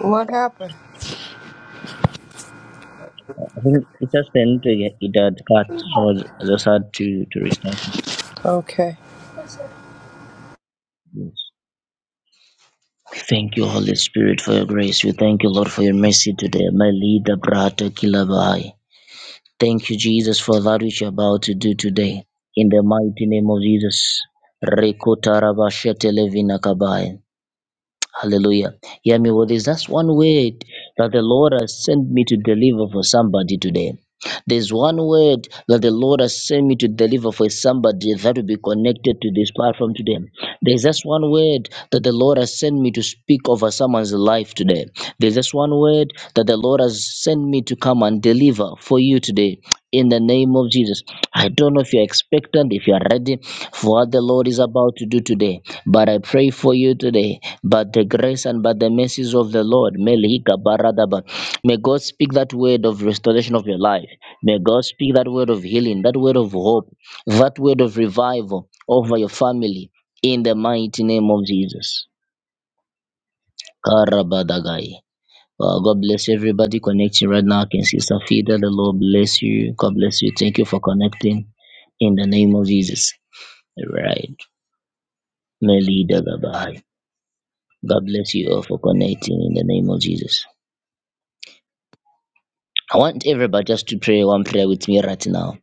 What happened? I think it's just the need to get it that God shows us how to, to restart it. Okay. Yes. We thank you, Holy Spirit, for your grace. We thank you, Lord, for your mercy today. My leader, brata kilabai. Thank you, Jesus, for that which you're about to do today. In the mighty name of Jesus. Rekota rabashete levina kabai. Hallelujah. Hear me with this. That's one word that the Lord has sent me to deliver for somebody today. There's one word that the Lord has sent me to deliver for somebody that will be connected to this platform today. There's just one word that the Lord has sent me to speak over someone's life today. There's just one word that the Lord has sent me to come and deliver for you today in the name of Jesus. I don't know if you're expectant, if you are ready for what the Lord is about to do today, but I pray for you today. But the grace and by the mercies of the Lord, Melika Baradaba. may God speak that word of restoration of your life. May God speak that word of healing, that word of hope, that word of revival over your family in the mighty name of Jesus. Karabadagai. Uh, God bless everybody connecting right now. I can see Safida. The Lord bless you. God bless you. Thank you for connecting in the name of Jesus. All Right. Meli Dagabai. God bless you all for connecting in the name of Jesus. I want everybody just to pray one prayer with me right now.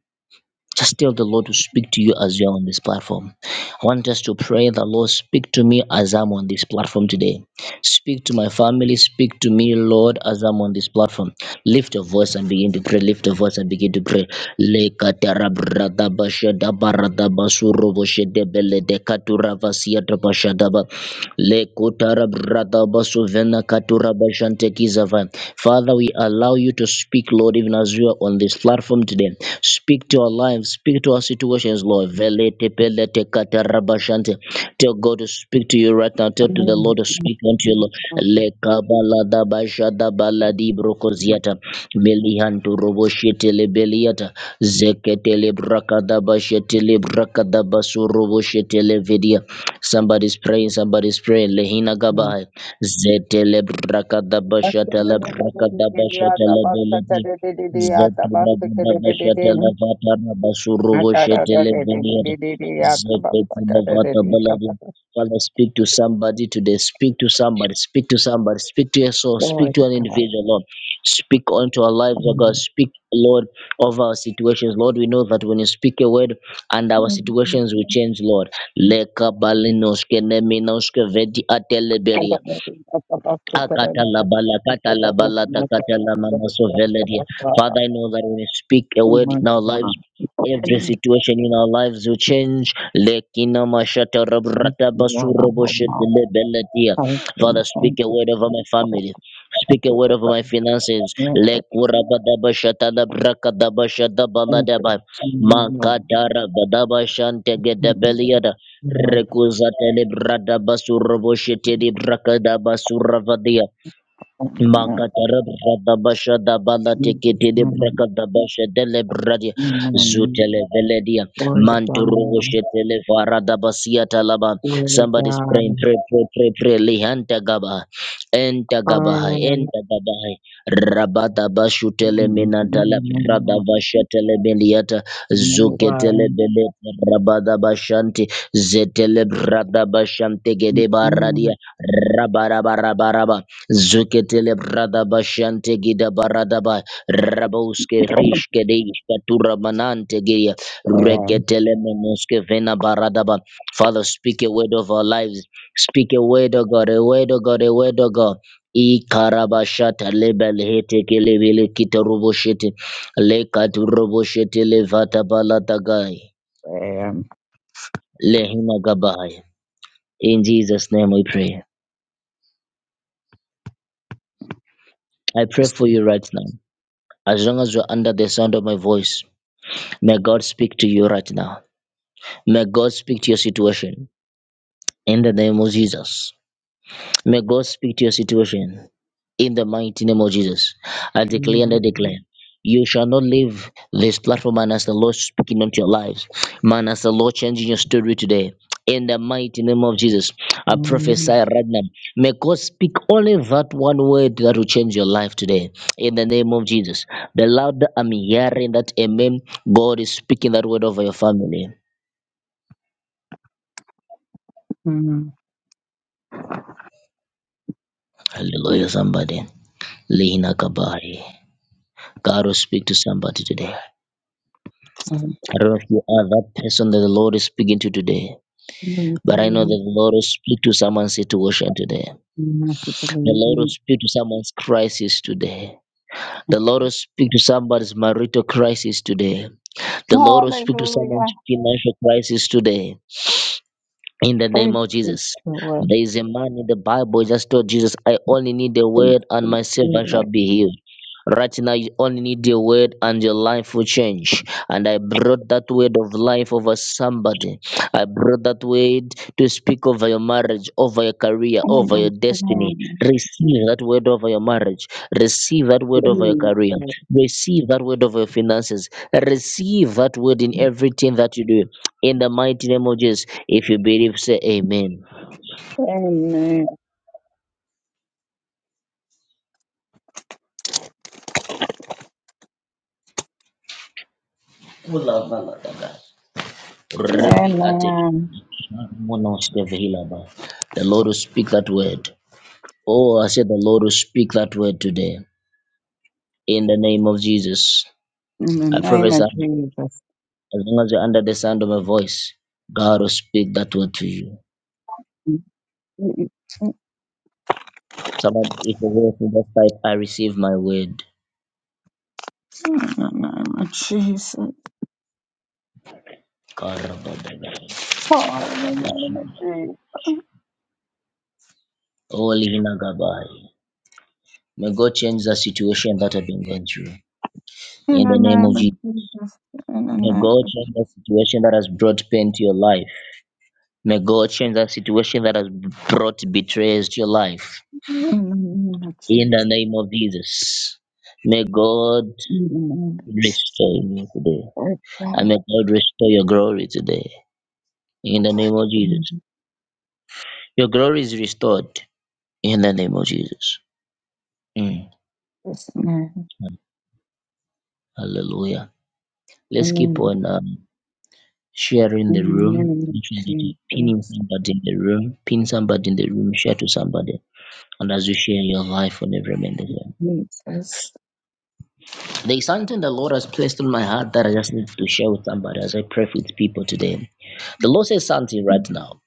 Just tell the Lord to speak to you as you're on this platform. I want us to pray the Lord speak to me as I'm on this platform today. Speak to my family, speak to me, Lord, as I'm on this platform. Lift your voice and begin to pray. Lift your voice and begin to pray. Lekatarabrada bashada barada basuro boshedebele dekatura vasia Le kotara brada basu vena katura bashante kizava. Father, we allow you to speak, Lord, even as you are on this platform today. Speak to our lives, speak to our situations, Lord. Velete pelete katarabashante. Tell God to speak to you right now. Tell to the Glory Lord to speak unto you, to Lord. God. Le kabala kabalada bashada baladi brokoziata. Melihantu roboshete lebeliata. Zekete lebrakada bashete lebrakada basuroboshete levedia. Somebody's praying, somebody's praying. Lehina Gabai. Zetele Brakada Bashatele Brakada Bashatele Beleti. Zetubrakada Bashatele Vatana Basurubo Shetele Veniata. Zetetele Vata Baladi. Father, speak to somebody today. Speak to somebody. Speak to somebody. Speak to your soul. Speak to an individual, Lord. Speak unto our lives, O God. Speak, Lord, of our situations. Lord, we know that when you speak a word and our situations will change, Lord. Leka balinoske neminoske vedi ateleberia. Akatalabala katalabala takatalamanasovelia. Father, I know that when you speak a word in our lives, every situation in our lives will change. Lekina mashata rabrata basuroboshetilebelia. Father, Husband speak a changes word over his my family. Speak a word over my finances. whole Jesus, Lekurabadabashatadabrakadabashadabaladaba. name. Makatarabadabashantegedebeliada. Recusa Recusatele da basura voshete di braca da basura vadia. Makatarab Radabasha Dabala Tekitili Braka Dabasha Delebradia Amen. Zutele Veledia Glory to God. Manturushi Televara Dabasia Talaba. Glory to Somebody's praying, God. pray, pray, pray, pray, Lihanta Gaba, Enta Gabahai, Hallelujah. Enta Gabahai, Rabada Bashu Teleminatala, Amen. Radabasha Telemiliata, No Zuke one. Telebele, Rabada Bashanti, Zetele Radabashanti Gedeba Mm-mm. Radia, Rabarabarabara. Zuketele brada bashante gida barada ba rabuske rishke deishka tura manante gaya Bam, reketele menuske vena barada ba. Father, speak a word of our lives. Speak a word, O God, a word, O God, a word, O God. I karabashata lebel hete kelebele kita roboshete le katu roboshete le vata balata gai bam. gabai. In Jesus' name we pray. I pray Just- for you right now. As long as you're under the sound of my voice, May God speak to you right now. May God speak to your situation in the name of Jesus. May God speak to your situation in the mighty name of Jesus. I declare and I Mm, mm, declare. You shall not leave this platform and as the Lord speaking into your lives. Man, as the Lord changing your story today. In the mighty name of Jesus, I prophesy mm, right now. May God speak only that one word that will change your life today. In the name of Jesus. The louder I'm hearing that amen, God is speaking that word over your family. mm. Hallelujah, somebody. Lehina Kabari. God will speak to somebody today. I don't know if you are that person that the Lord is speaking to today. But I know Hallelujah. that the Lord will speak to someone's situation today. You have to The believe Lord in will it. speak to someone's crisis today. The Lord will speak to somebody's marital crisis today. The Lord will speak to someone's Hallelujah. financial crisis today. in the name Thank of you, Jesus. Lord. There is a man in the Bible just told Jesus, I only need the Thank word and you, my servant shall Lord. be healed. Right now, you only need the word and your life will change. And I brought that word of life over somebody. I brought that word to speak over your marriage, over your career, Oh my over your destiny. God. Receive that word over your marriage. Receive that word over your Amen. career. Receive that word over your finances. Receive that word in everything that you do. In the mighty name of Jesus. If you believe, say amen. Amen. Ulabaladaga. Rabbi Ate- Amen. Monoskevhilaba. The Lord will speak that word. Oh, I said the Lord will speak that word today. In the name of Jesus. In the I name prophesy of as Jesus. long as you're under the sound of my voice, God will speak that word to you. In the Someone, if you word is just type, I receive my word. name of Jesus. Karabadaga. Oh, in the name of Holy Hinagabai. May God change the situation that I've been going through. Jesus. In In the the name of name of Jesus. Jesus. In the May name God of change that situation that has brought pain to your life. May God change that situation that has brought betrayal to your life. in the name of In the Jesus. name of Jesus. May God In the name of Jesus. restore you today. Lord And God. may God restore your glory today. In the name of In Jesus. Your glory is restored. In the name of Jesus. Mm. Jesus' name. Hallelujah. Let's keep Amen. on um, sharing In the the room. Make sure that you name of pinning Jesus. somebody in the room. Pin somebody in the room. Share to somebody and as you share your life on every medicine. Jesus. There's something the Lord has placed on my heart that I just need to share with somebody as I pray for with people today. The Lord says something right now.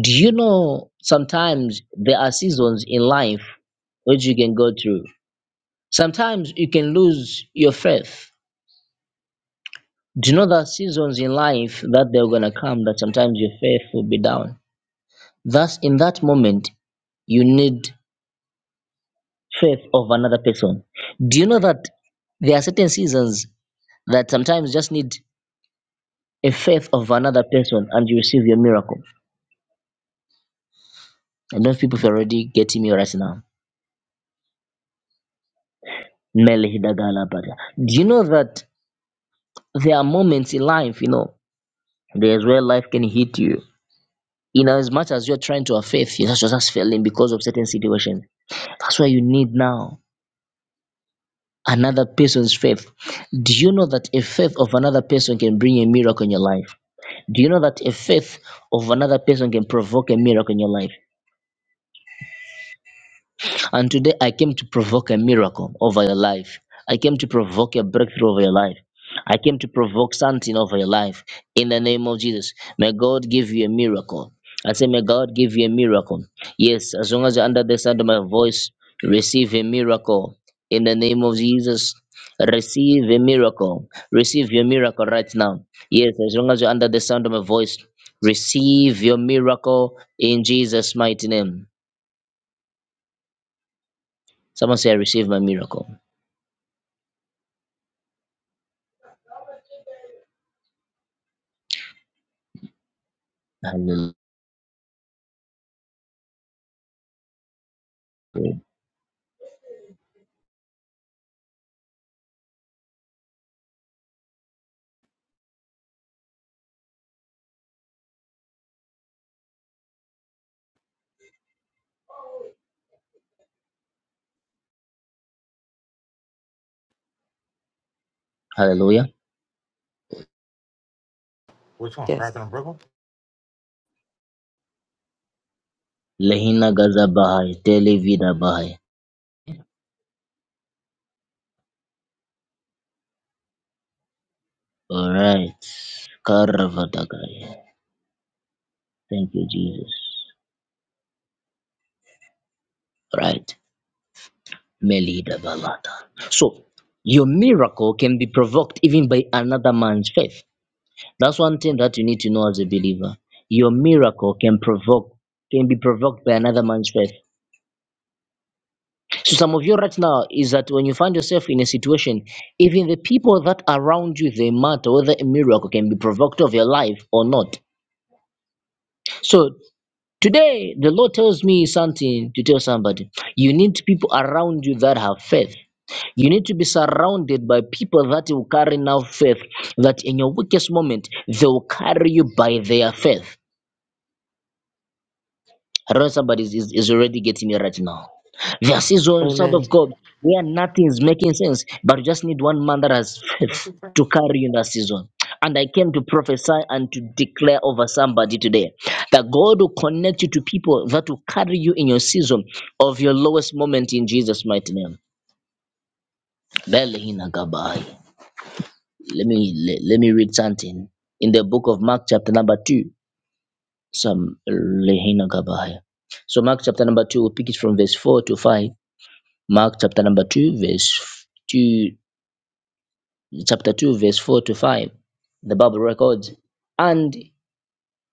Do you know sometimes there are seasons in life which you can go through? Sometimes you can lose your faith. Do you know that seasons in life that they're gonna come that sometimes your faith will be down? Thus, in that moment, you need faith of another person. Do you know that there are certain seasons that sometimes you just need a faith of another person and you receive your miracle. And those people are already getting me right now. Mele hidagala bada. Do you know that there are moments in life, you know, there's where life can hit you. You know, as much as you're trying to have faith, you're just, just failing because of certain situations. That's why you need now another person's faith. Do you know that a faith of another person can bring a miracle in your life? Do you know that a faith of another person can provoke a miracle in your life? And today I came to provoke a miracle over your life. I came to provoke a breakthrough over your life. I came to provoke something over your life in the name of Jesus. May God give you a miracle. I say, may God give you a miracle. Yes, as long as you're under the sound of my voice, receive a miracle in the name of Jesus. Receive a miracle. Receive your miracle right now. Yes, as long as you're under the sound of my voice, receive your miracle in Jesus' mighty name. Someone say, I receive my miracle. Hallelujah. Hallelujah. Which one? Yes. Malcolm and Brooklyn? Lehina Gaza Bahai, Televida Bahai. Alright. Karavadagai. Thank you, Jesus. Right. Melida Balata. So, your miracle can be provoked even by another man's faith. That's one thing that you need to know as a believer. Your miracle can provoke can be provoked by another man's faith. So some of you right now is that when you find yourself in a situation, even the people that around you they matter whether a miracle can be provoked of your life or not. So today, the Lord tells me something to tell somebody. You need people around you that have faith. You need to be surrounded by people that will carry now faith, that in your weakest moment, they will carry you by their faith. I don't know somebody is, is already getting me right now. There are seasons, child Amen. of God, where nothing is making sense, but you just need one man that has That's faith what I'm to carry you in that season. And I came to prophesy and to declare over somebody today that God will connect you to people that will carry you in your season of your lowest moment in Jesus' mighty name. Belehina Gabai. Let me let, let me read something in the book of Mark, chapter number two. Some Lehina Gabai. So Mark chapter number two, we'll pick it from verse four to five. Mark chapter number 2, verse 2, chapter 2, verse 4 to 5, the Bible records. And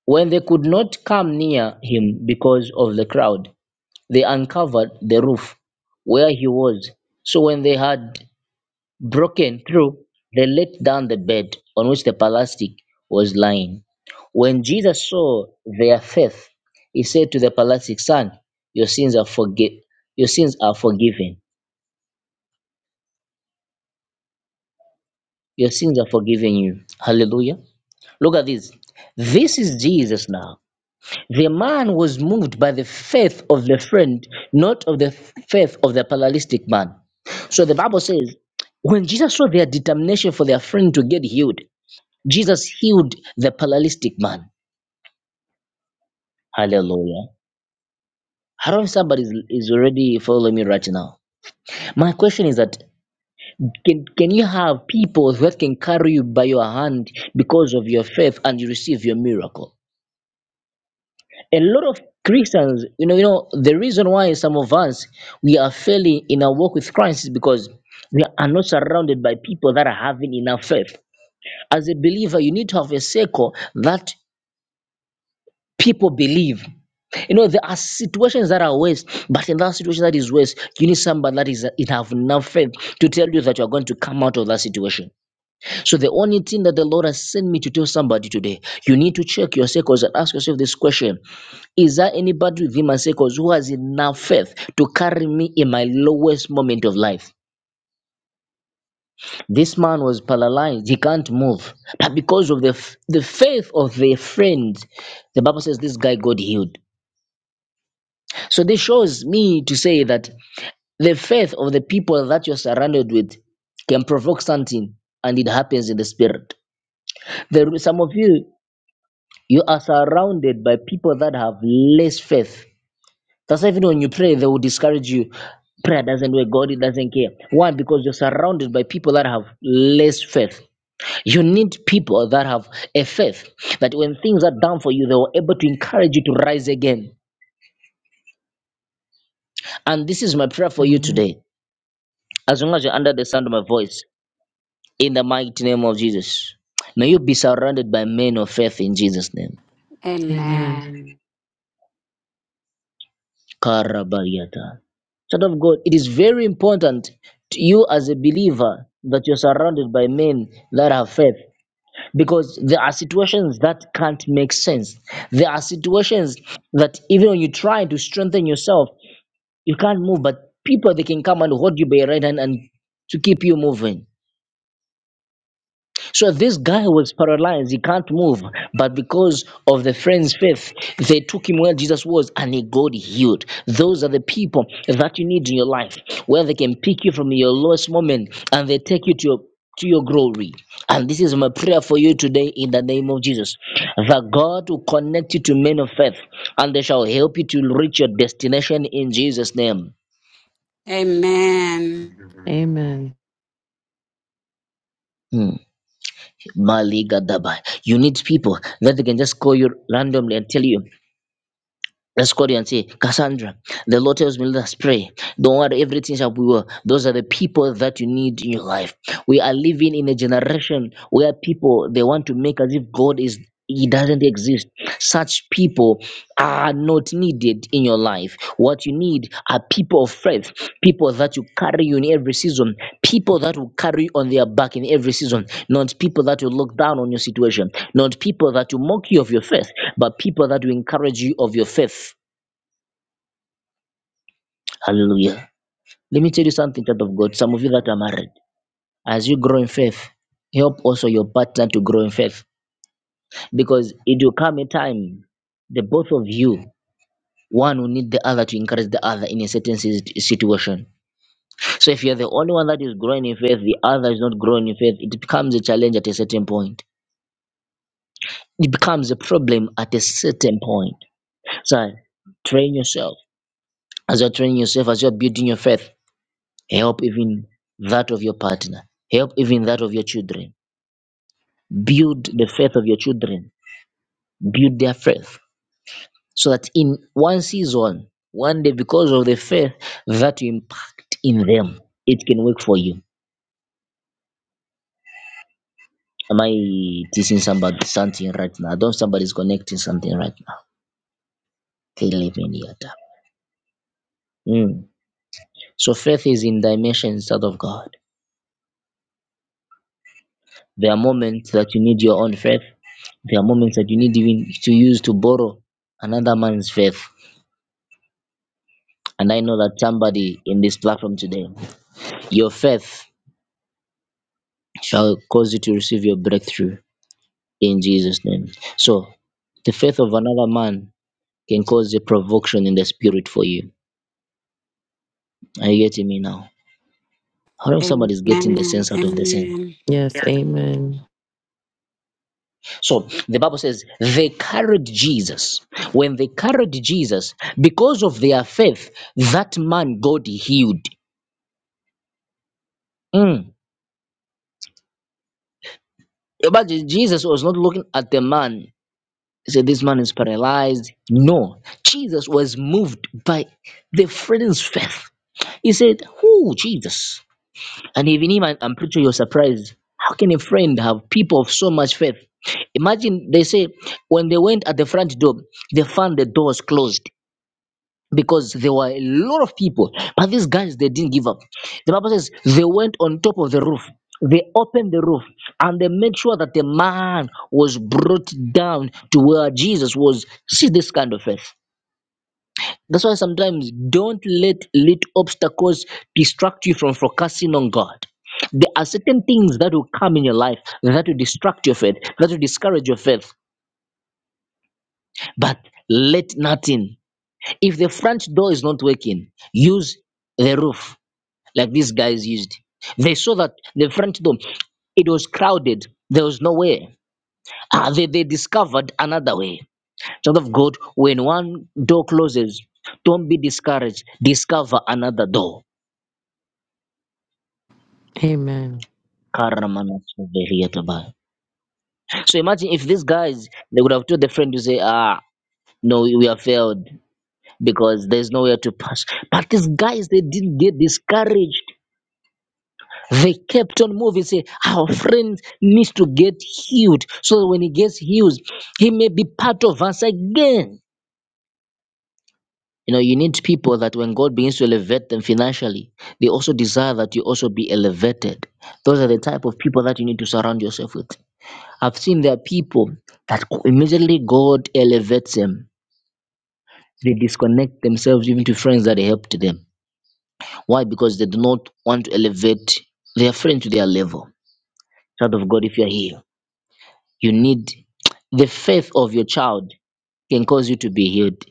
when they could not come near him because of the crowd, they uncovered the roof where he was. So when they had broken through, they let down the bed on which the paralytic was lying. When Jesus saw their faith, he said to the paralytic son, Your sins are forgiven. Your sins are forgiven. Your sins are forgiven you. Hallelujah. Look at this. This is Jesus now. The man was moved by the faith of the friend, not of the faith of the paralytic man. So the Bible says, when Jesus saw their determination for their friend to get healed, Jesus healed the paralytic man. Hallelujah. I don't know if somebody is, is already following me right now. My question is that can, can you have people that can carry you by your hand because of your faith and you receive your miracle? a lot of Christians, you know, you know, the reason why some of us we are failing in our walk with Christ is because we are not surrounded by people that are having enough faith. As a believer, you need to have a circle that people believe. You know, there are situations that are worse, but in that situation that is worse, you need somebody that is it have enough faith to tell you that you are going to come out of that situation. So the only thing that the Lord has sent me to tell somebody today, you need to check your circles and ask yourself this question. Is there anybody within my circles who has enough faith to carry me in my lowest moment of life? This man was paralyzed, he can't move. But because of the, f- the faith of their friend, the Bible says this guy got healed. So this shows me to say that the faith of the people that you're surrounded with can provoke something and it happens in the spirit. There, some of you, you are surrounded by people that have less faith That's why even when you pray, they will discourage you. Prayer doesn't work. God it doesn't care. Why? Because you're surrounded by people that have less faith. You need people that have a faith that when things are done for you, they were able to encourage you to rise again. And this is my prayer for you Amen. today. As long as you're under the sound of my voice, in the mighty name of Jesus, may you be surrounded by men of faith in Jesus' name. Amen. Amen. Karabayata. Child of God, it is very important to you as a believer that you're surrounded by men that have faith because there are situations that can't make sense. There are situations that even when you're trying to strengthen yourself, you can't move, but people they can come and hold you by your right hand and to keep you moving. So this guy was paralyzed, he can't move. But because of the friend's faith, they took him where Jesus was and he got healed. Those are the people that you need in your life, where they can pick you from your lowest moment and they take you to your to your glory. And this is my prayer for you today in the name of Jesus. That God will connect you to men of faith and they shall help you to reach your destination in Jesus' name. Amen. saying. Amen. Hmm. Maliga Dabai. You need people that they can just call you randomly and tell you Let's go there and say, Cassandra, the Lord tells me, let us pray. Don't worry, everything shall be well. Those are the people that you need in your life. We are living in a generation where people they want to make as if God is he doesn't exist. Such people are not needed in your life. What you need are people of faith, people that you carry you in every season, people that will carry you on their back in every season, not people that will look down on your situation, not people that will mock you of your faith, but people that will encourage you of your faith. Hallelujah. Let me tell you something, child of God. Some of you that are married, as you grow in faith, help also your partner to grow in faith because it will come a time the both of you one will need the other to encourage the other in a certain si- situation So if you're the only one that is growing in faith, the other is not growing in faith, it becomes a challenge at a certain point. It becomes a problem at a certain point. So train yourself. As you're training yourself, as you're building your faith, help even that of your partner. Help even that of your children. Build the faith of your children. Build their faith. So that in one season, one day, because of the faith that you impact in them, it can work for you Am I teasing somebody something right now? I don't somebody's connecting something right now. Kelemeniyata. Mm. So faith is in dimensions out of God. There are moments that you need your own faith. There are moments that you need even to use to borrow another man's faith. And I know that somebody in this platform today, your faith shall cause you to receive your breakthrough in Jesus' name. So the faith of another man can cause a provocation in the spirit for you. Are you getting me now? I hope Amen. somebody's getting the sense out of the sense. Amen. Yes. Amen. So the Bible says they carried Jesus. When they carried Jesus, because of their faith, that man God healed. Mm. But Jesus was not looking at the man. He said, This man is paralyzed. No. Jesus was moved by the friend's faith. He said, Who Jesus? And even him, I'm I'm pretty sure you're surprised. How can a friend have people of so much faith? Imagine they say when they went at the front door, they found the doors closed because there were a lot of people. But these guys, they didn't give up. The Bible says they went on top of the roof. They opened the roof and they made sure that the man was brought down to where Jesus was. See this kind of faith. That's why sometimes don't let let obstacles distract you from focusing on God. There are certain things that will come in your life that will distract your faith, that will discourage your faith. But let nothing. If the front door is not working, use the roof like these guys used. They saw that the front door, it was crowded. There was no way. Ah, they, they discovered another way. Child of God, when one door closes, don't be discouraged. Discover another door. Amen. Karamanasoveriyataba. So imagine if these guys they would have told the friend you say, ah, no, we have failed because there's nowhere to pass. But these guys they didn't get discouraged. They kept on moving, say, our friend needs to get healed. So when he gets healed, he may be part of us again. You know, you need people that when God begins to elevate them financially, they also desire that you also be elevated. Those are the type of people that you need to surround yourself with. I've seen there are people that immediately God elevates them. They disconnect themselves even to friends that helped them. Why? Because they do not want to elevate their friend to their level. Child of God, if you're here, you need the faith of your child can cause you to be healed.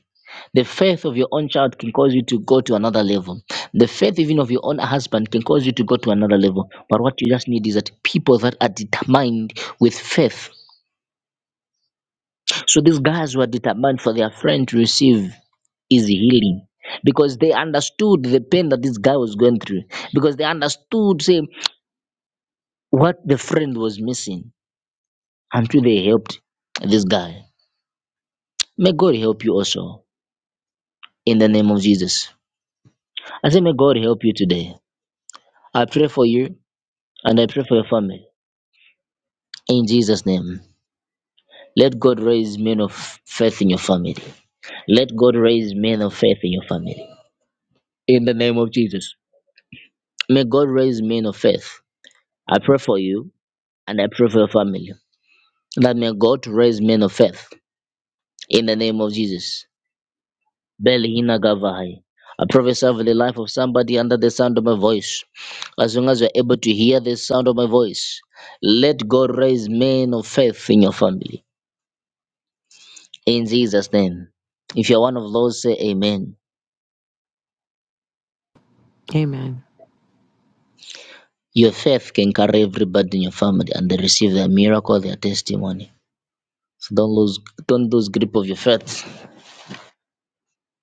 The faith of your own child can cause you to go to another level. The faith even of your own husband can cause you to go to another level. But what you just need is that people that are determined with faith So these guys were determined for their friend to receive his healing because they understood the pain that this guy was going through, because they understood, say, what the friend was missing until they helped this guy. May God help you also in the name of Jesus. I say, may God help you today. I pray for you and I pray for your family in Jesus' name. Let God raise men of faith in your family. Let God raise men of faith in your family in the name of Jesus. May God raise men of faith I pray for you and I pray for your family. That may God raise men of faith in the name of Jesus. Beli hina gavai. I prophesy over the life of somebody under the sound of my voice. As long as you're able to hear the sound of my voice, let God raise men of faith in your family. In Jesus' name. If you're one of those, say amen. Amen. Your faith can carry everybody in your family and they receive their miracle, their testimony. So don't lose don't lose grip of your faith.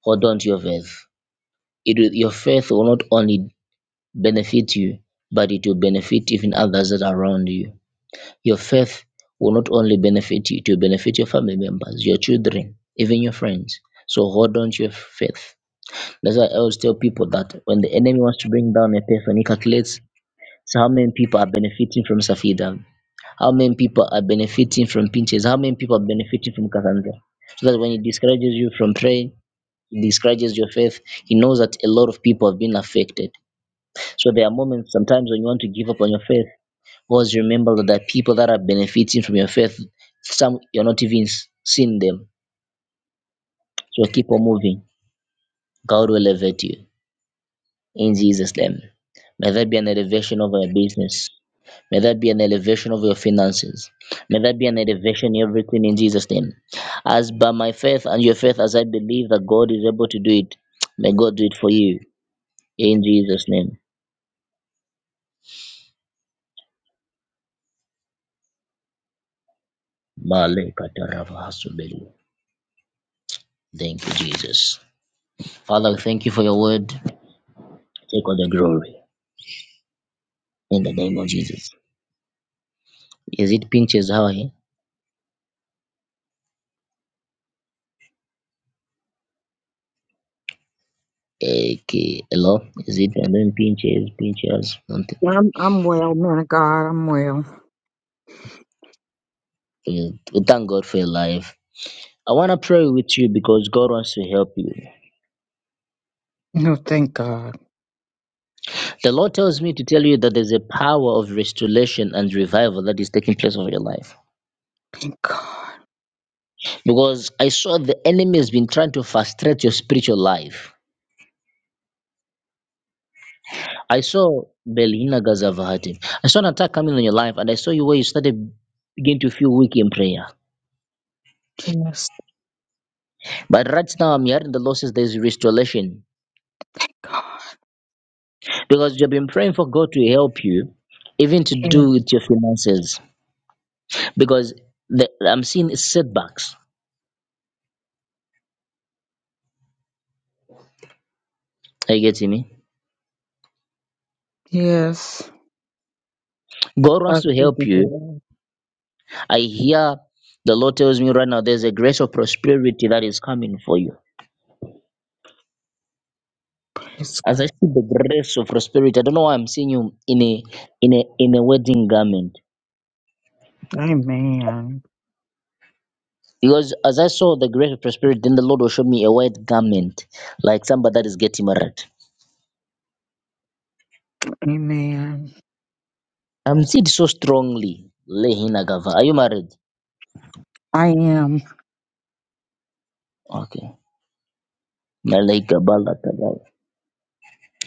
Hold on to your faith. It will, your faith will not only benefit you, but it will benefit even others that are around you. Your faith will not only benefit you, it will benefit your family members, your children, even your friends. So hold on to your faith. That's why I always tell people that when the enemy wants to bring down a person, he calculates so how many people are benefiting from Safida, how many people are benefiting from pinches, how many people are benefiting from Cassandra. So that when he discourages you from praying, he discourages your faith, he knows that a lot of people have been affected so there are moments sometimes when you want to give up on your faith, always remember that there are people that are benefiting from your faith. Some you're not even s- seeing them. So keep on moving. God will elevate you in Jesus' name. May that be an elevation of your business. May that be an elevation of your finances. May that be an elevation in everything in Jesus' name. As by my faith and your faith, as I believe that God is able to do it, may God do it for you in Jesus' name. Malekatarabahasubeli. Thank you, Jesus. Father, thank you for your word. Take all the glory in the name of Jesus. Is it pinches how I okay, hello? Is it and then pinches, pinches, something? I'm, I'm well, man of God. I'm well. We we thank God for your life. I want to pray with you because God wants to help you. No, thank God. The Lord tells me to tell you that there's a power of restoration and revival that is taking place over your life. Thank God. Because I saw the enemy has been trying to frustrate your spiritual life. I saw Belina Gazavahati. I saw an attack coming on your life, and I saw you where you started begin to feel weak in prayer. Yes. But right now, I'm hearing the Lord says there's restoration because you've been praying for God to help you, even to God. do with your finances. Because the, I'm seeing setbacks. Are you getting me? Yes. God wants I to thank help you for you. that. I hear the Lord tells me right now there's a grace of prosperity that is coming for you. Praise As I see the grace of prosperity, I don't know why I'm seeing you in a in a in a wedding garment God. Amen. Because as I saw the greater prosperity, then the Lord will show me a white garment, like somebody that is getting married. Amen. I'm seeing it so strongly. Lehina Gava. Are you married? I am Okay. Malaika Balaka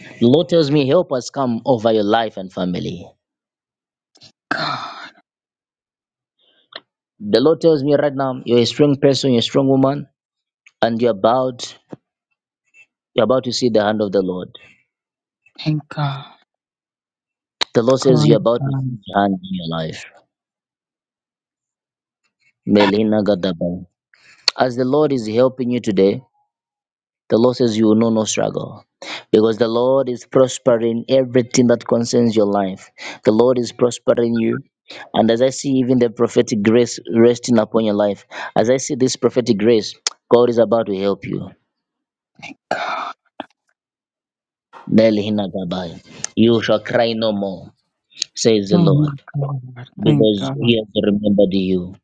The Lord tells me, help us come over your life and family. God. The Lord tells me right now, you're a strong person, you're a strong woman, and you're about you're about to see the hand of the Lord. Thank God. The Lord says you're Glory to about to God. see the hand in your life. Melhina Gadaba. As the Lord is helping you today, The Lord says you will know no struggle because the Lord is prospering everything that concerns your life. The Lord is prospering you. And as I see even the prophetic grace resting upon your life, as I see this prophetic grace, God is about to help you. Thank God. Neli You shall cry no more, says the Oh Lord, my God. Thank because God. He has remembered you.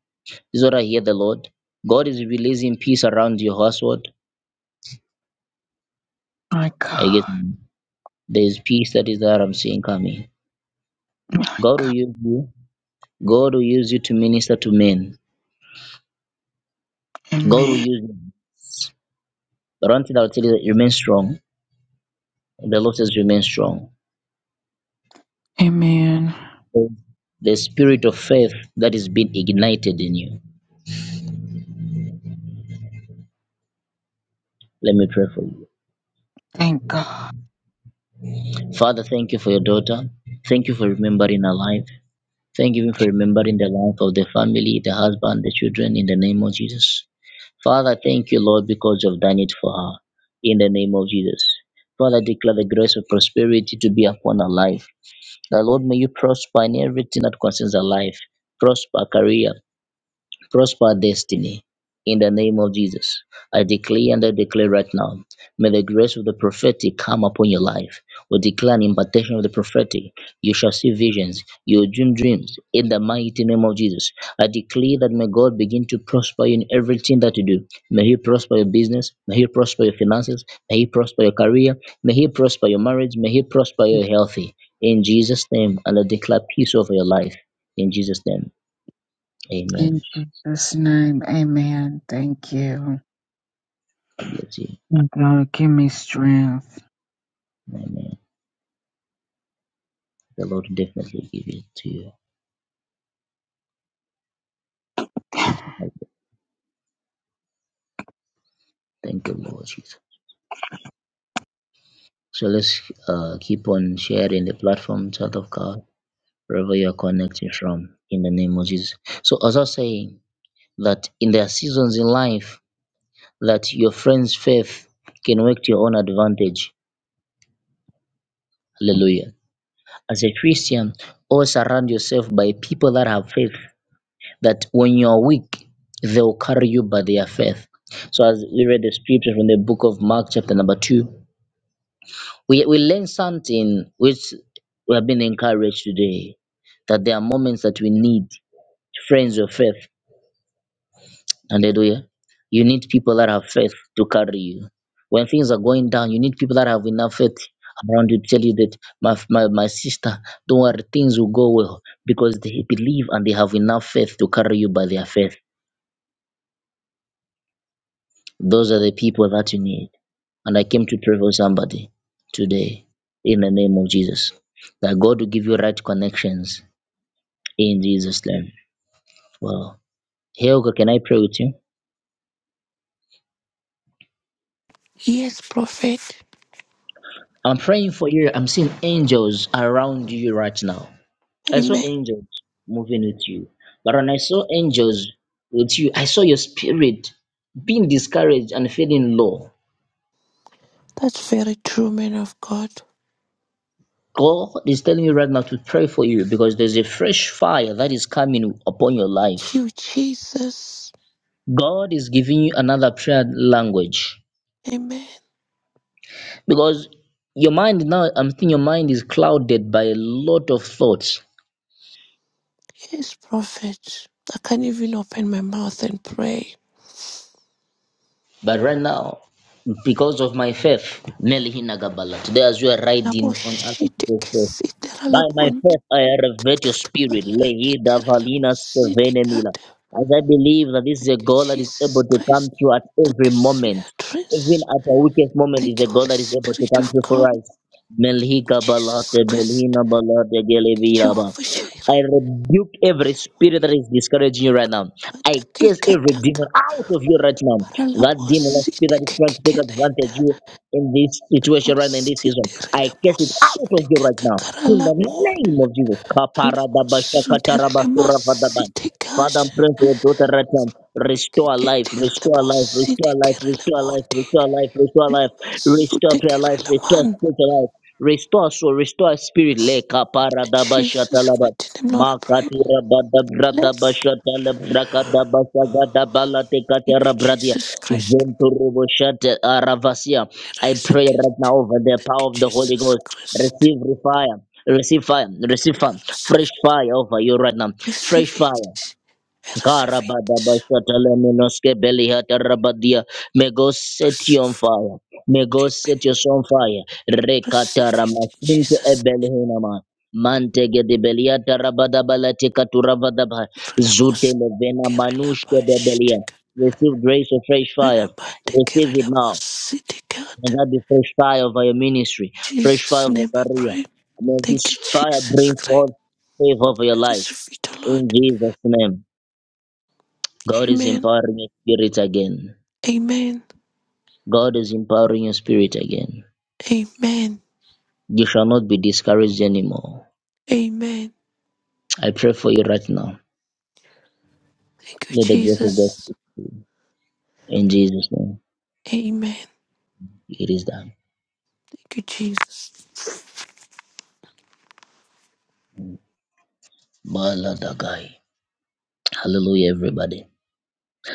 This is what I hear the Lord. God is releasing peace around your household. My I guess God. there is peace that is there I'm seeing coming. My God will God. use you God will use you to minister to men. God will Amen. use you. But one thing I'll tell you that remain strong. The Lord says remain strong. Amen. The spirit of faith that is being ignited in you. Let me pray for you. Thank God. Father, thank you for your daughter. Thank you for remembering her life. Thank you for remembering the life of the family, the husband, the children, in the name of Jesus. Father, thank you, Lord, because you've done it for her, in the name of Jesus. Father, declare the grace of prosperity to be upon her life The Lord, may you prosper in everything that concerns our life, prosper our career, prosper destiny in the name of Jesus. I declare and I declare right now, may the grace of the prophetic come upon your life. We declare an impartation of the prophetic. You shall see visions, you will dream dreams in the mighty name of Jesus. I declare that may God begin to prosper you in everything that you do. May He prosper your business, may He prosper your finances, may He prosper your career, may He prosper your marriage, may He prosper your health. In Jesus' name, and I declare peace over your life. In Jesus' name, In amen. Jesus' name. Amen. Thank you. God bless you. Oh, God, give me strength. Amen. The Lord will definitely give it to you. Thank you, Lord Jesus. So let's uh, keep on sharing the platform, child of God, wherever you are connecting from, in the name of Jesus. So as I was saying, that in their seasons in life, that your friend's faith can work to your own advantage. Hallelujah. As a Christian, always surround yourself by people that have faith, that when you are weak, they will carry you by their faith. So as we read the scripture from the book of Mark, chapter number 2, We, we learn something which we have been encouraged today that there are moments that we need friends of faith. Hallelujah. You need people that have faith to carry you. When things are going down, you need people that have enough faith around you to tell you that, my, my, my sister, don't worry, things will go well because they believe and they have enough faith to carry you by their faith. Those are the people that you need. And I came to pray for somebody today in the name of Jesus that God will give you right connections in Jesus' name. Well, Helga, can I pray with you? Yes, Prophet. I'm praying for you. I'm seeing angels around you right now. I saw Amen. angels moving with you. But when I saw angels with you, I saw your spirit being discouraged and feeling low. That's very true, man of God. God is telling you right now to pray for you because there's a fresh fire that is coming upon your Thank life. you, Jesus. God is giving you another prayer language Amen. because your mind now, I'm thinking your mind is clouded by a lot of thoughts Yes, Prophet. I can't even open my mouth and pray. But right now, because of my faith, Meli Hinagabala, today as you are riding Labo on other shite people's faith, kesite by my ralabondi faith, I elevate your spirit. balade Lehida kerelabo valina stevene mila. zinegade. As I believe that this is Thank a you, God that is able Jesus to come Christ. through at That every gives me moment. Even utterance. at our weakest moment is Thank you, a Holy God that is able to Spirit come of through for God. us. Thank Melhika you, balate Jesus Christ. belhina balate Thank you, gelevira Jehovah I Jireh. rebuke every spirit that is discouraging you right now. I cast every Badake demon out of you right now. para la That demon, that spirit bocinde that is que trying que to que take advantage lenda of you, in this la situation right now, in this season. bocinde I rela cast it out bocinde of you que right que now. cara In la the bond name of Jesus. rela bocinde rela Kaparadabashakatarabasurapadaba. masite Father, I'm cash praying for your daughter right now. que Restore her que te life, rela restore her life, restore bocinde her life, que rela restore her life, bondi restore her life, restore her rela life, restore masute prayer que life, rela restore man spiritual life, restore soul, restore spirit. Le in Jesus kaparadabashatalaba. mighty name Lord I pray Makatira bada brada bless bashatala brakada basaga da balate thank katera you bradia. Jesus Christ Zenturu boshate aravasia. and I I pray second right now over the thank you power of the Holy Jesus Ghost. Christ Receive fire, receive fire, receive I fire, fresh receive it fire over you right now, fresh receive fire. it I receive Karabada it bashatale minoske Karabadabashataleminoskebelia tarabadia. May God set you on receive fire. May God Amen. set your soul on fire. Receive Rekata it in ramasinte Jesus. Rekataramasinte ebelhinama. Mantegedebelia ba. Zute Relabos. levena manushkebebelia. Kerelabashitika. Receive grace of fresh fire. Relamande Receive it now. kerelabos. May Sitikad. that be fresh fire over your ministry, fresh fire Jesus' over name your I career. pray. May Thank you, this fire Jesus bring Christ. forth favor over your I life. receive it, O In Lord. Jesus' name, God is Amen. empowering your spirit again. Amen. God is empowering your spirit again. Amen. You shall not be discouraged anymore. Amen. I pray for you right now. Thank you, Let the grace of God Jesus. in Jesus' name. Amen. It is done. Thank you, Jesus. Baladagai. Hallelujah, everybody.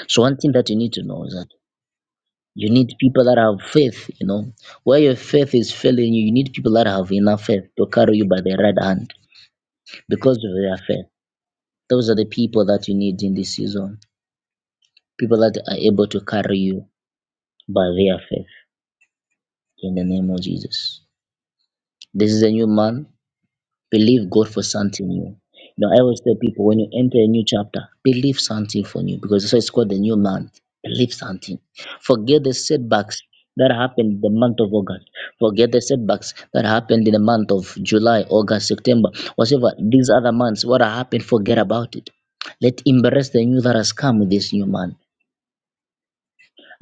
So one thing that you need to know is that You need people that have faith, you know. Where your faith is failing you, you need people that have enough faith to carry you by the right hand because of their faith. Those are the people that you need in this season. People that are able to carry you by their faith in the name of Jesus. This is a new month. Believe God for something new. You know, I always tell people when you enter a new chapter, believe something for new because that's why it's called the new month. Believe something. Forget the setbacks that happened in the month of August. Forget the setbacks that happened in the month of July, August, September, whatever these other months, what happened, forget about it. Let embrace the new that has come with this new month.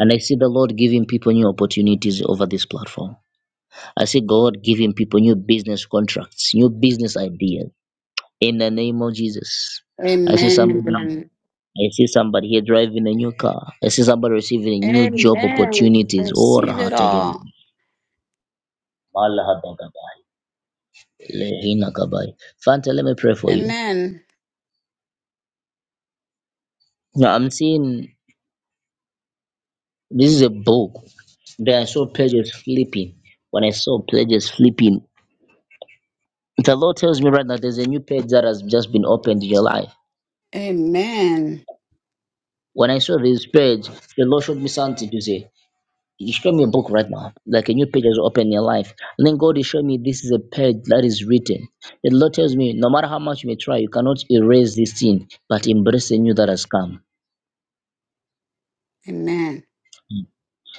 And I see the Lord giving people new opportunities over this platform. I see God giving people new business contracts, new business ideas in the name of Jesus. I see somebody. Amen. I see somebody here driving a new car. I see somebody receiving a new job Amen. I opportunities. Oh, receive it Rahategevi. all. Malahadagabai. Lehinakabai. Fanta, let me pray for you. Amen. Now, I'm seeing this is a book. Then I saw pages flipping. When I saw pages flipping, the Lord tells me right now there's a new page that has just been opened in your life. Amen. When I saw this page, the Lord showed me something to say. you show me a book right now, like a new page is open in your life. And then God is showing me this is a page that is written. The Lord tells me, no matter how much you may try, you cannot erase this thing, but embrace the new that has come. Amen.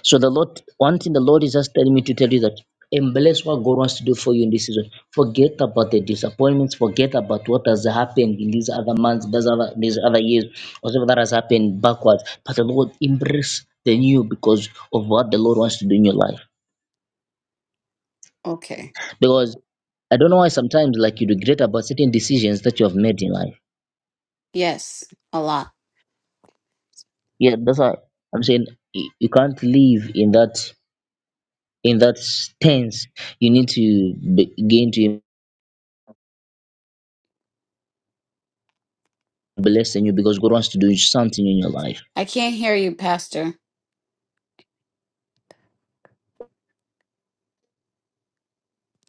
So the Lord, one thing the Lord is just telling me to tell you that embrace what God wants to do for you in this season. Forget about the disappointments. Forget about what has happened in these other months, these other these other years, whatever that has happened backwards. But the Lord embrace the new because of what the Lord wants to do in your life. Okay. Because I don't know why sometimes like you regret about certain decisions that you have made in life. Yes, a lot. Yeah, that's why I'm saying you, you can't live in that in that tense. You need to begin to bless in you because God wants to do something in your life. I can't hear you, Pastor.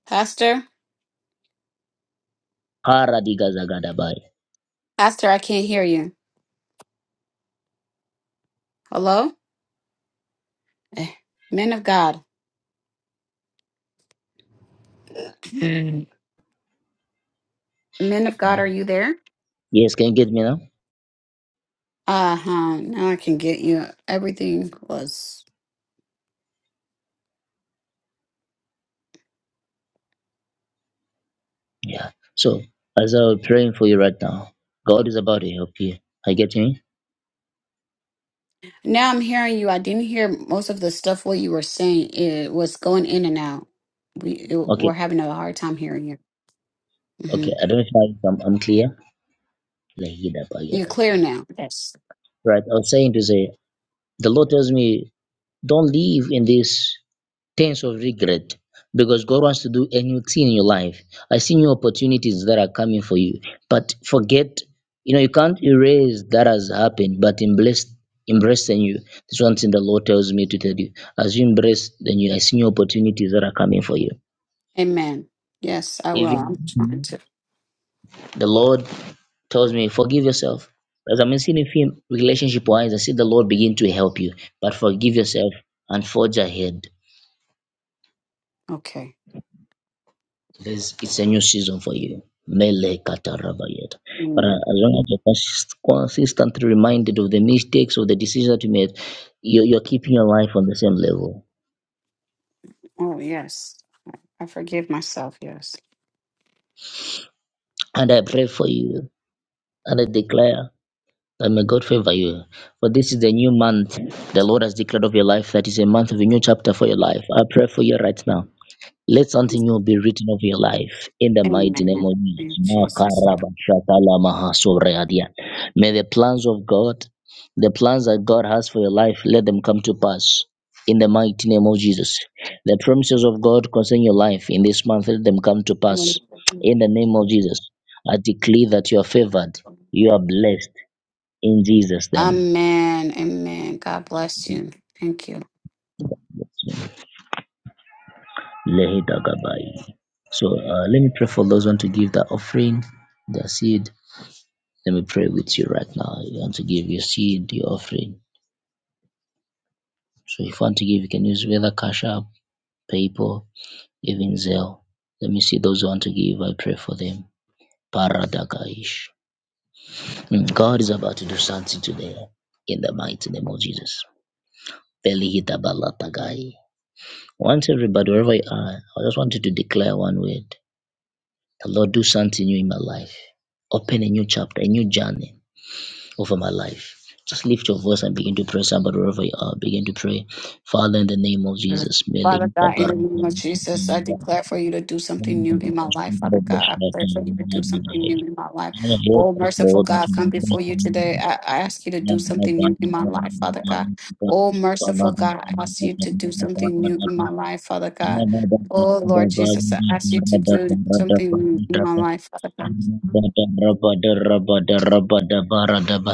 Pastor? Haradigadagadabai. Pastor, I can't hear you. Hello? Eh, Men of God. Mm. Men of God, are you there? Yes, can you get me now? Uh huh. Now I can get you. Everything was. Yeah. So as I'm praying for you right now, God is about to help you. Are you getting me? Now I'm hearing you. I didn't hear most of the stuff what you were saying. It was going in and out. We it, Okay. we're having a hard time hearing you. Okay. hmm I don't know if I'm, I'm clear. You're clear Lehidabayadabai. now. Yes. Right. I was saying to say the Lord tells me don't live in this Tens of regret because God wants to do a new thing in your life. I see new opportunities that are coming for you, but forget, you know, you can't erase that has happened, but embrace embrace the new. This one thing the Lord tells me to tell you. As you embrace the new, I see new opportunities that are coming for you. Amen. Yes, I will. I'm trying Even to. the Lord tells me, forgive yourself. As I'm seeing if him relationship wise, I see the Lord begin to help you, but forgive yourself and forge ahead. Okay. There's, it's a new season for you. Mele katarabayet. But uh, Mm. as long as you're consist- consistently reminded of the mistakes of the decisions that you made, you, you're keeping your life on the same level. Oh yes, I forgive myself. Yes. And I pray for you and I declare that may God favor you. For this is the new month the Lord has declared of your life. That is a month of a new chapter for your life. I pray for you right now. Let something Mhm. new be written of your life in the mighty name Amen. of Jesus. In Jesus. name. Makarabashakalamahasovreadia. May the plans of God, the plans that God has for your life, let them come to pass in the mighty name of Jesus. The promises of God concerning your life in this month, let them come to Amen. pass in the name of Jesus. I declare that you are favored, you are blessed in Jesus' name. Amen. Amen. God bless you. Thank you. Lehitagabai. So uh, let me pray for those who want to give the offering, their seed. Let me pray with you right now. You want to give your seed, your offering. So if you want to give, you can use whether Cash App, PayPal, even Zelle. Let me see those who want to give. I pray for them. Paradagaish. Mm, God is about to do something today in the mighty name of Jesus. Belihitabalatagai. I want everybody, wherever you are, I just want you to declare one word. The Lord, do something new in my life. Open a new chapter, a new journey Over my life, just lift your voice and begin to pray. Somebody wherever you are, begin to pray. Father, in the name of Yes. Jesus, Father God, in the name of Jesus, I declare for you to do something new in my life. Father God, I pray for you to do something new in my life. Oh, merciful God, come before you today. I, I ask you to do something new in my life, Father God. Oh, merciful God, I ask you to do something new in my life, Father God. Oh, Lord Jesus, I ask you to do something new in my life, Father God. Amen.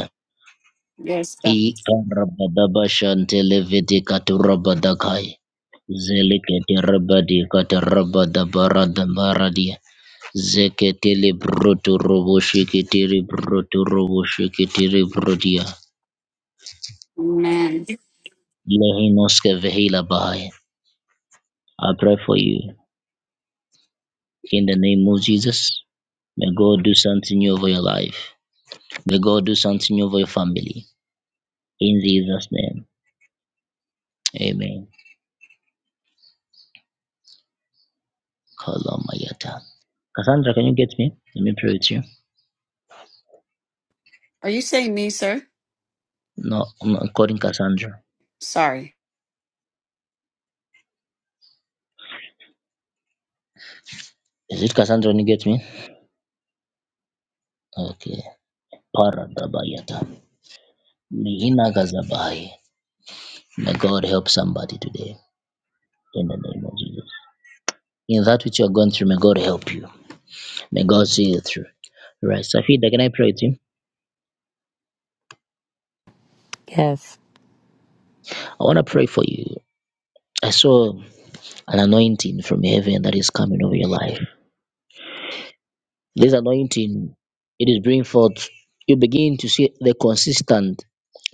Yes, God. Ikarabadabashantelevedicaturabadakai. Zeliketerabadikatarabadabaradabaradia. Zeketele broto roboshikitiri broto roboshikitiri brodia. Amen. Lehinoske vehila bahai. I pray for you in the name of Jesus. May God do something new over your life. May God do something new over your family. In Jesus' name. Amen. Kalamayata. Cassandra, can you get me? Let me pray with you. Are you saying me, sir? No, I'm, I'm calling Cassandra. Sorry. Is it Cassandra when you get me? Okay. Paradabayata. Lina Gazabai. May God help somebody today in the name of Jesus. In that which you're going through, may God help you. May God see you through. Right. Safida, can I pray with you? Yes. I want to pray for you. I saw an anointing from heaven that is coming over your life. This anointing, it is bringing forth, you begin to see the consistent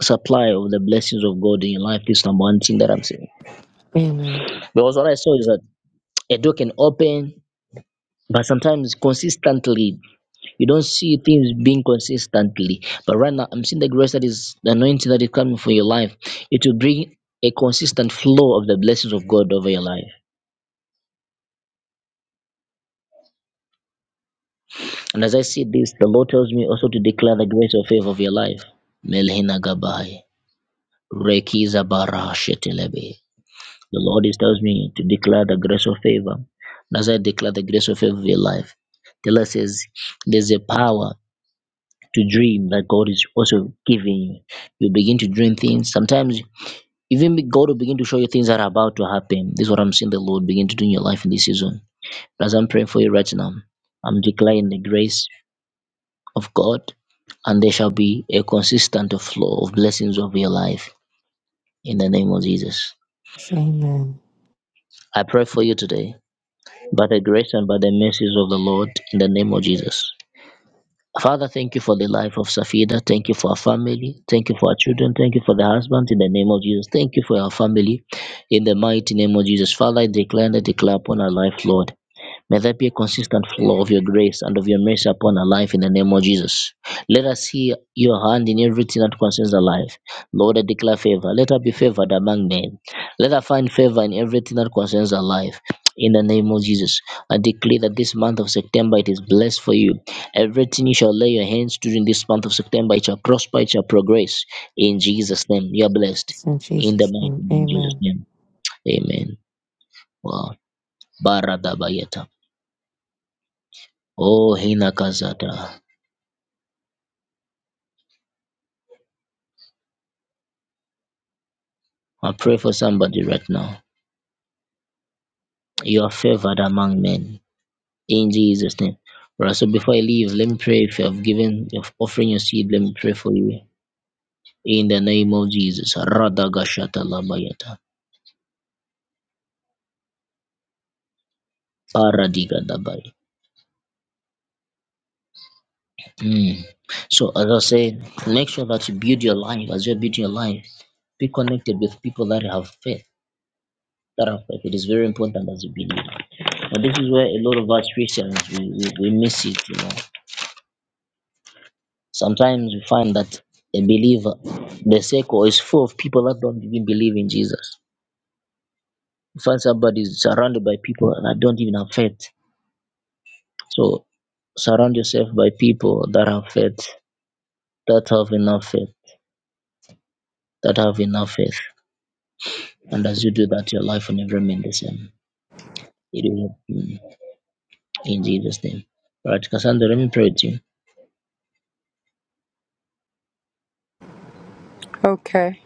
supply of the blessings of God in your life. This is number one thing that I'm saying. Amen. Because what I saw is that a door can open, but sometimes consistently you don't see things being consistently. But right now, I'm seeing the grace that is the anointing that is coming for your life. It will bring a consistent flow of the blessings of God over your life. And as I see this, the Lord tells me also to declare the grace of favor of your life. Melhina Gabai, Reki Zabara Shetelebe. The Lord is tells me to declare the grace of favor. And as I declare the grace of favor of your life, the Lord says, There's a power to dream that God is also giving you. You begin to dream things. Sometimes even God will begin to show you things that are about to happen. This is what I'm seeing the Lord begin to do in your life in this season. As I'm praying for you right now, I'm declaring the grace of God, and there shall be a consistent flow of blessings over your life in the name of Jesus. Yes, Amen. I pray for you today by the grace and by the mercies of the Lord in the name of Jesus. Father, thank you for the life of Safida. Thank you for our family. Thank you for our children. Thank you for the husband in the name of Jesus. Thank you for our family in the mighty name of Jesus. Father, I declare and I declare upon our life, Lord. May there be a consistent flow of your grace and of your mercy upon our life in the name of Jesus. Let us see your hand in everything that concerns our life. Lord, I declare favor. Let her be favored among men. Let her find favor in everything that concerns our life. In the name of Jesus, I declare that this month of September it is blessed for you. Everything you shall lay your hands to during this month of September, it shall prosper, it shall progress. In Jesus' name, you are blessed. Yes, in In the Jesus' mighty name. name of Jesus' Amen. name. Amen. Wow. Baradabayeta. Oh, Hinakazada. I pray for somebody right now. You are favored among men. In Jesus' name. Right, so before I leave, let me pray if you have given, if offering your seed, let me pray for you. In the name of Jesus. Radagashata labayata. Paradigadabai. Mm. So, as I say, make sure that you build your life. As you're building your life, be connected with people that have faith. That have faith. It is very important as you believe. But this is where a lot of us Christians we, we, we miss it, you know. Sometimes we find that a believer, the circle is full of people that don't even believe in Jesus. You find somebody is surrounded by people that don't even have faith. So surround yourself by people that have faith, that have enough faith, that have enough faith. And as you do that, your life will never remain the same. It will mm, in Jesus' name. All right, Cassandra, let me pray with you. Okay.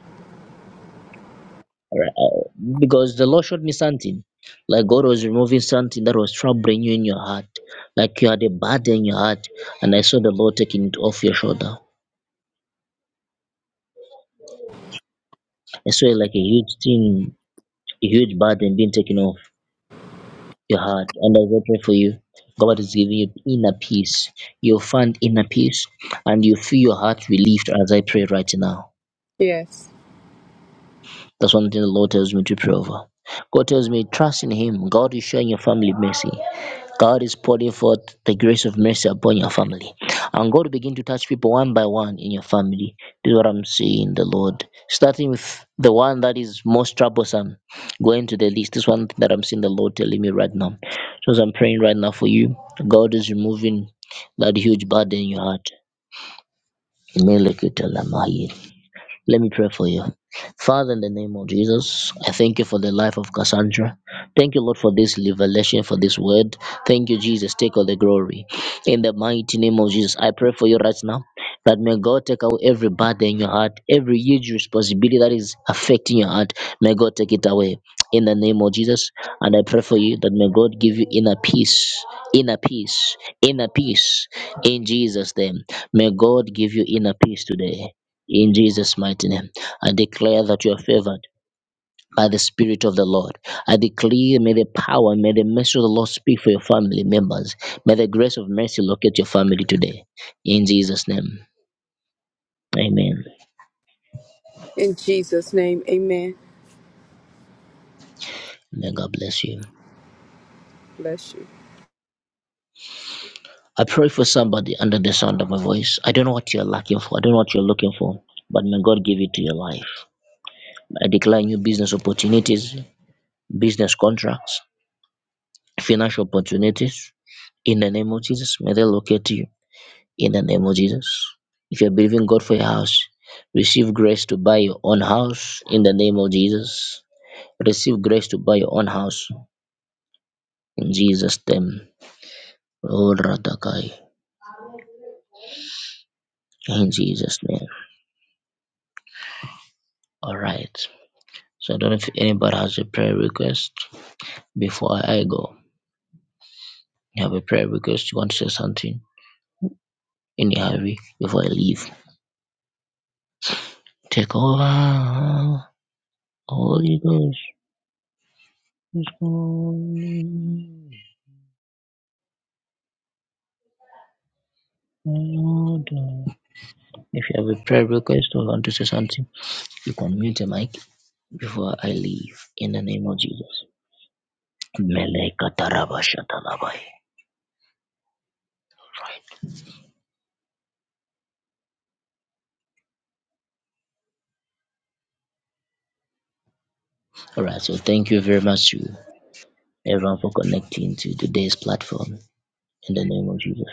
Right, uh, because the Lord showed me something. Like God was removing something that was troubling you in your heart. Like you had a burden in your heart. And I saw the Lord taking it off your shoulder. I saw like a huge thing, a huge burden being taken off your heart. And as I pray for you, God is giving you inner peace. You'll find inner peace and you feel your heart relieved as I pray right now. Yes. That's one thing the Lord tells me to pray over. God tells me, trust in Him. God is showing your family mercy. God is pouring forth the grace of mercy upon your family. And God will begin to touch people one by one in your family. This is what I'm saying, the Lord. Starting with the one that is most troublesome, going to the least. This is one thing that I'm seeing the Lord telling me right now. So as I'm praying right now for you, God is removing that huge burden in your heart. Let me pray for you. Father, in the name of Jesus, I thank you for the life of Cassandra. Thank you, Lord, for this revelation, for this word. Thank you, Jesus. Take all the glory. In the mighty name of Jesus, I pray for you right now that may God take away every burden in your heart, every huge responsibility that is affecting your heart. May God take it away. In the name of Jesus, and I pray for you that may God give you inner peace, inner peace, inner peace in Jesus' name. May God give you inner peace today in Jesus' mighty name, I declare that you are favored by the Spirit of the Lord. I declare, may the power, may the mercy of the Lord speak for your family members. May the grace of mercy locate your family today. In Jesus' name, amen. In Jesus' name, amen. May God bless you. Bless you. I pray for somebody under the sound of my voice. I don't know what you're lacking for, I don't know what you're looking for, but may God give it to your life. I declare new business opportunities, business contracts, financial opportunities. In the name of Jesus, may they locate you. in the name of Jesus. If you're believing God for your house, receive grace to buy your own house in the name of Jesus. Receive grace to buy your own house in Jesus' name. Oh, Radakai, In Jesus' name. All right. So I don't know if anybody has a prayer request before I go. You have a prayer request, you want to say something in a hurry before I leave. Take over. Holy Ghost is coming. If you have a prayer request or want to say something, you can mute the mic before I leave in the name of Jesus. Melekatarabashatalabai. Alright, so thank you very much to everyone for connecting to today's platform in the name of Jesus.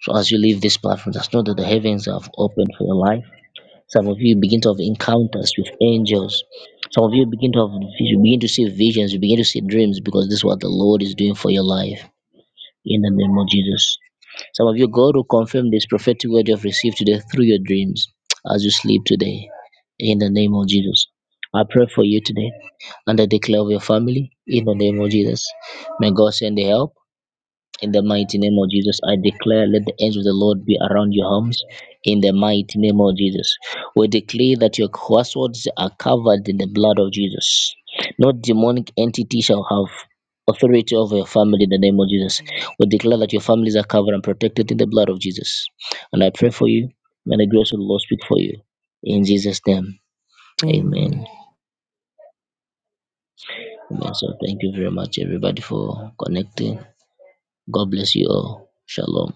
So as you leave this platform, just know that the heavens have opened for your life. Some of you begin to have encounters with angels. Some of you begin to have you begin to see visions, you begin to see dreams because this is what the Lord is doing for your life in the name of Jesus. Some of you, God will confirm this prophetic word you have received today through your dreams as you sleep today. In the name of Jesus. I pray for you today and I declare of your family in the name of Jesus. May God send the help. In the mighty name of Jesus, I declare, let the angels of the Lord be around your homes. In the mighty name of Jesus, we declare that your households are covered in the blood of Jesus. No demonic entity shall have authority over your family in the name of Jesus. We declare that your families are covered and protected in the blood of Jesus. And I pray for you. May the grace of the Lord speak for you. In Jesus' name, Amen. amen. amen. So thank you very much, everybody, for connecting. God bless you all. Shalom.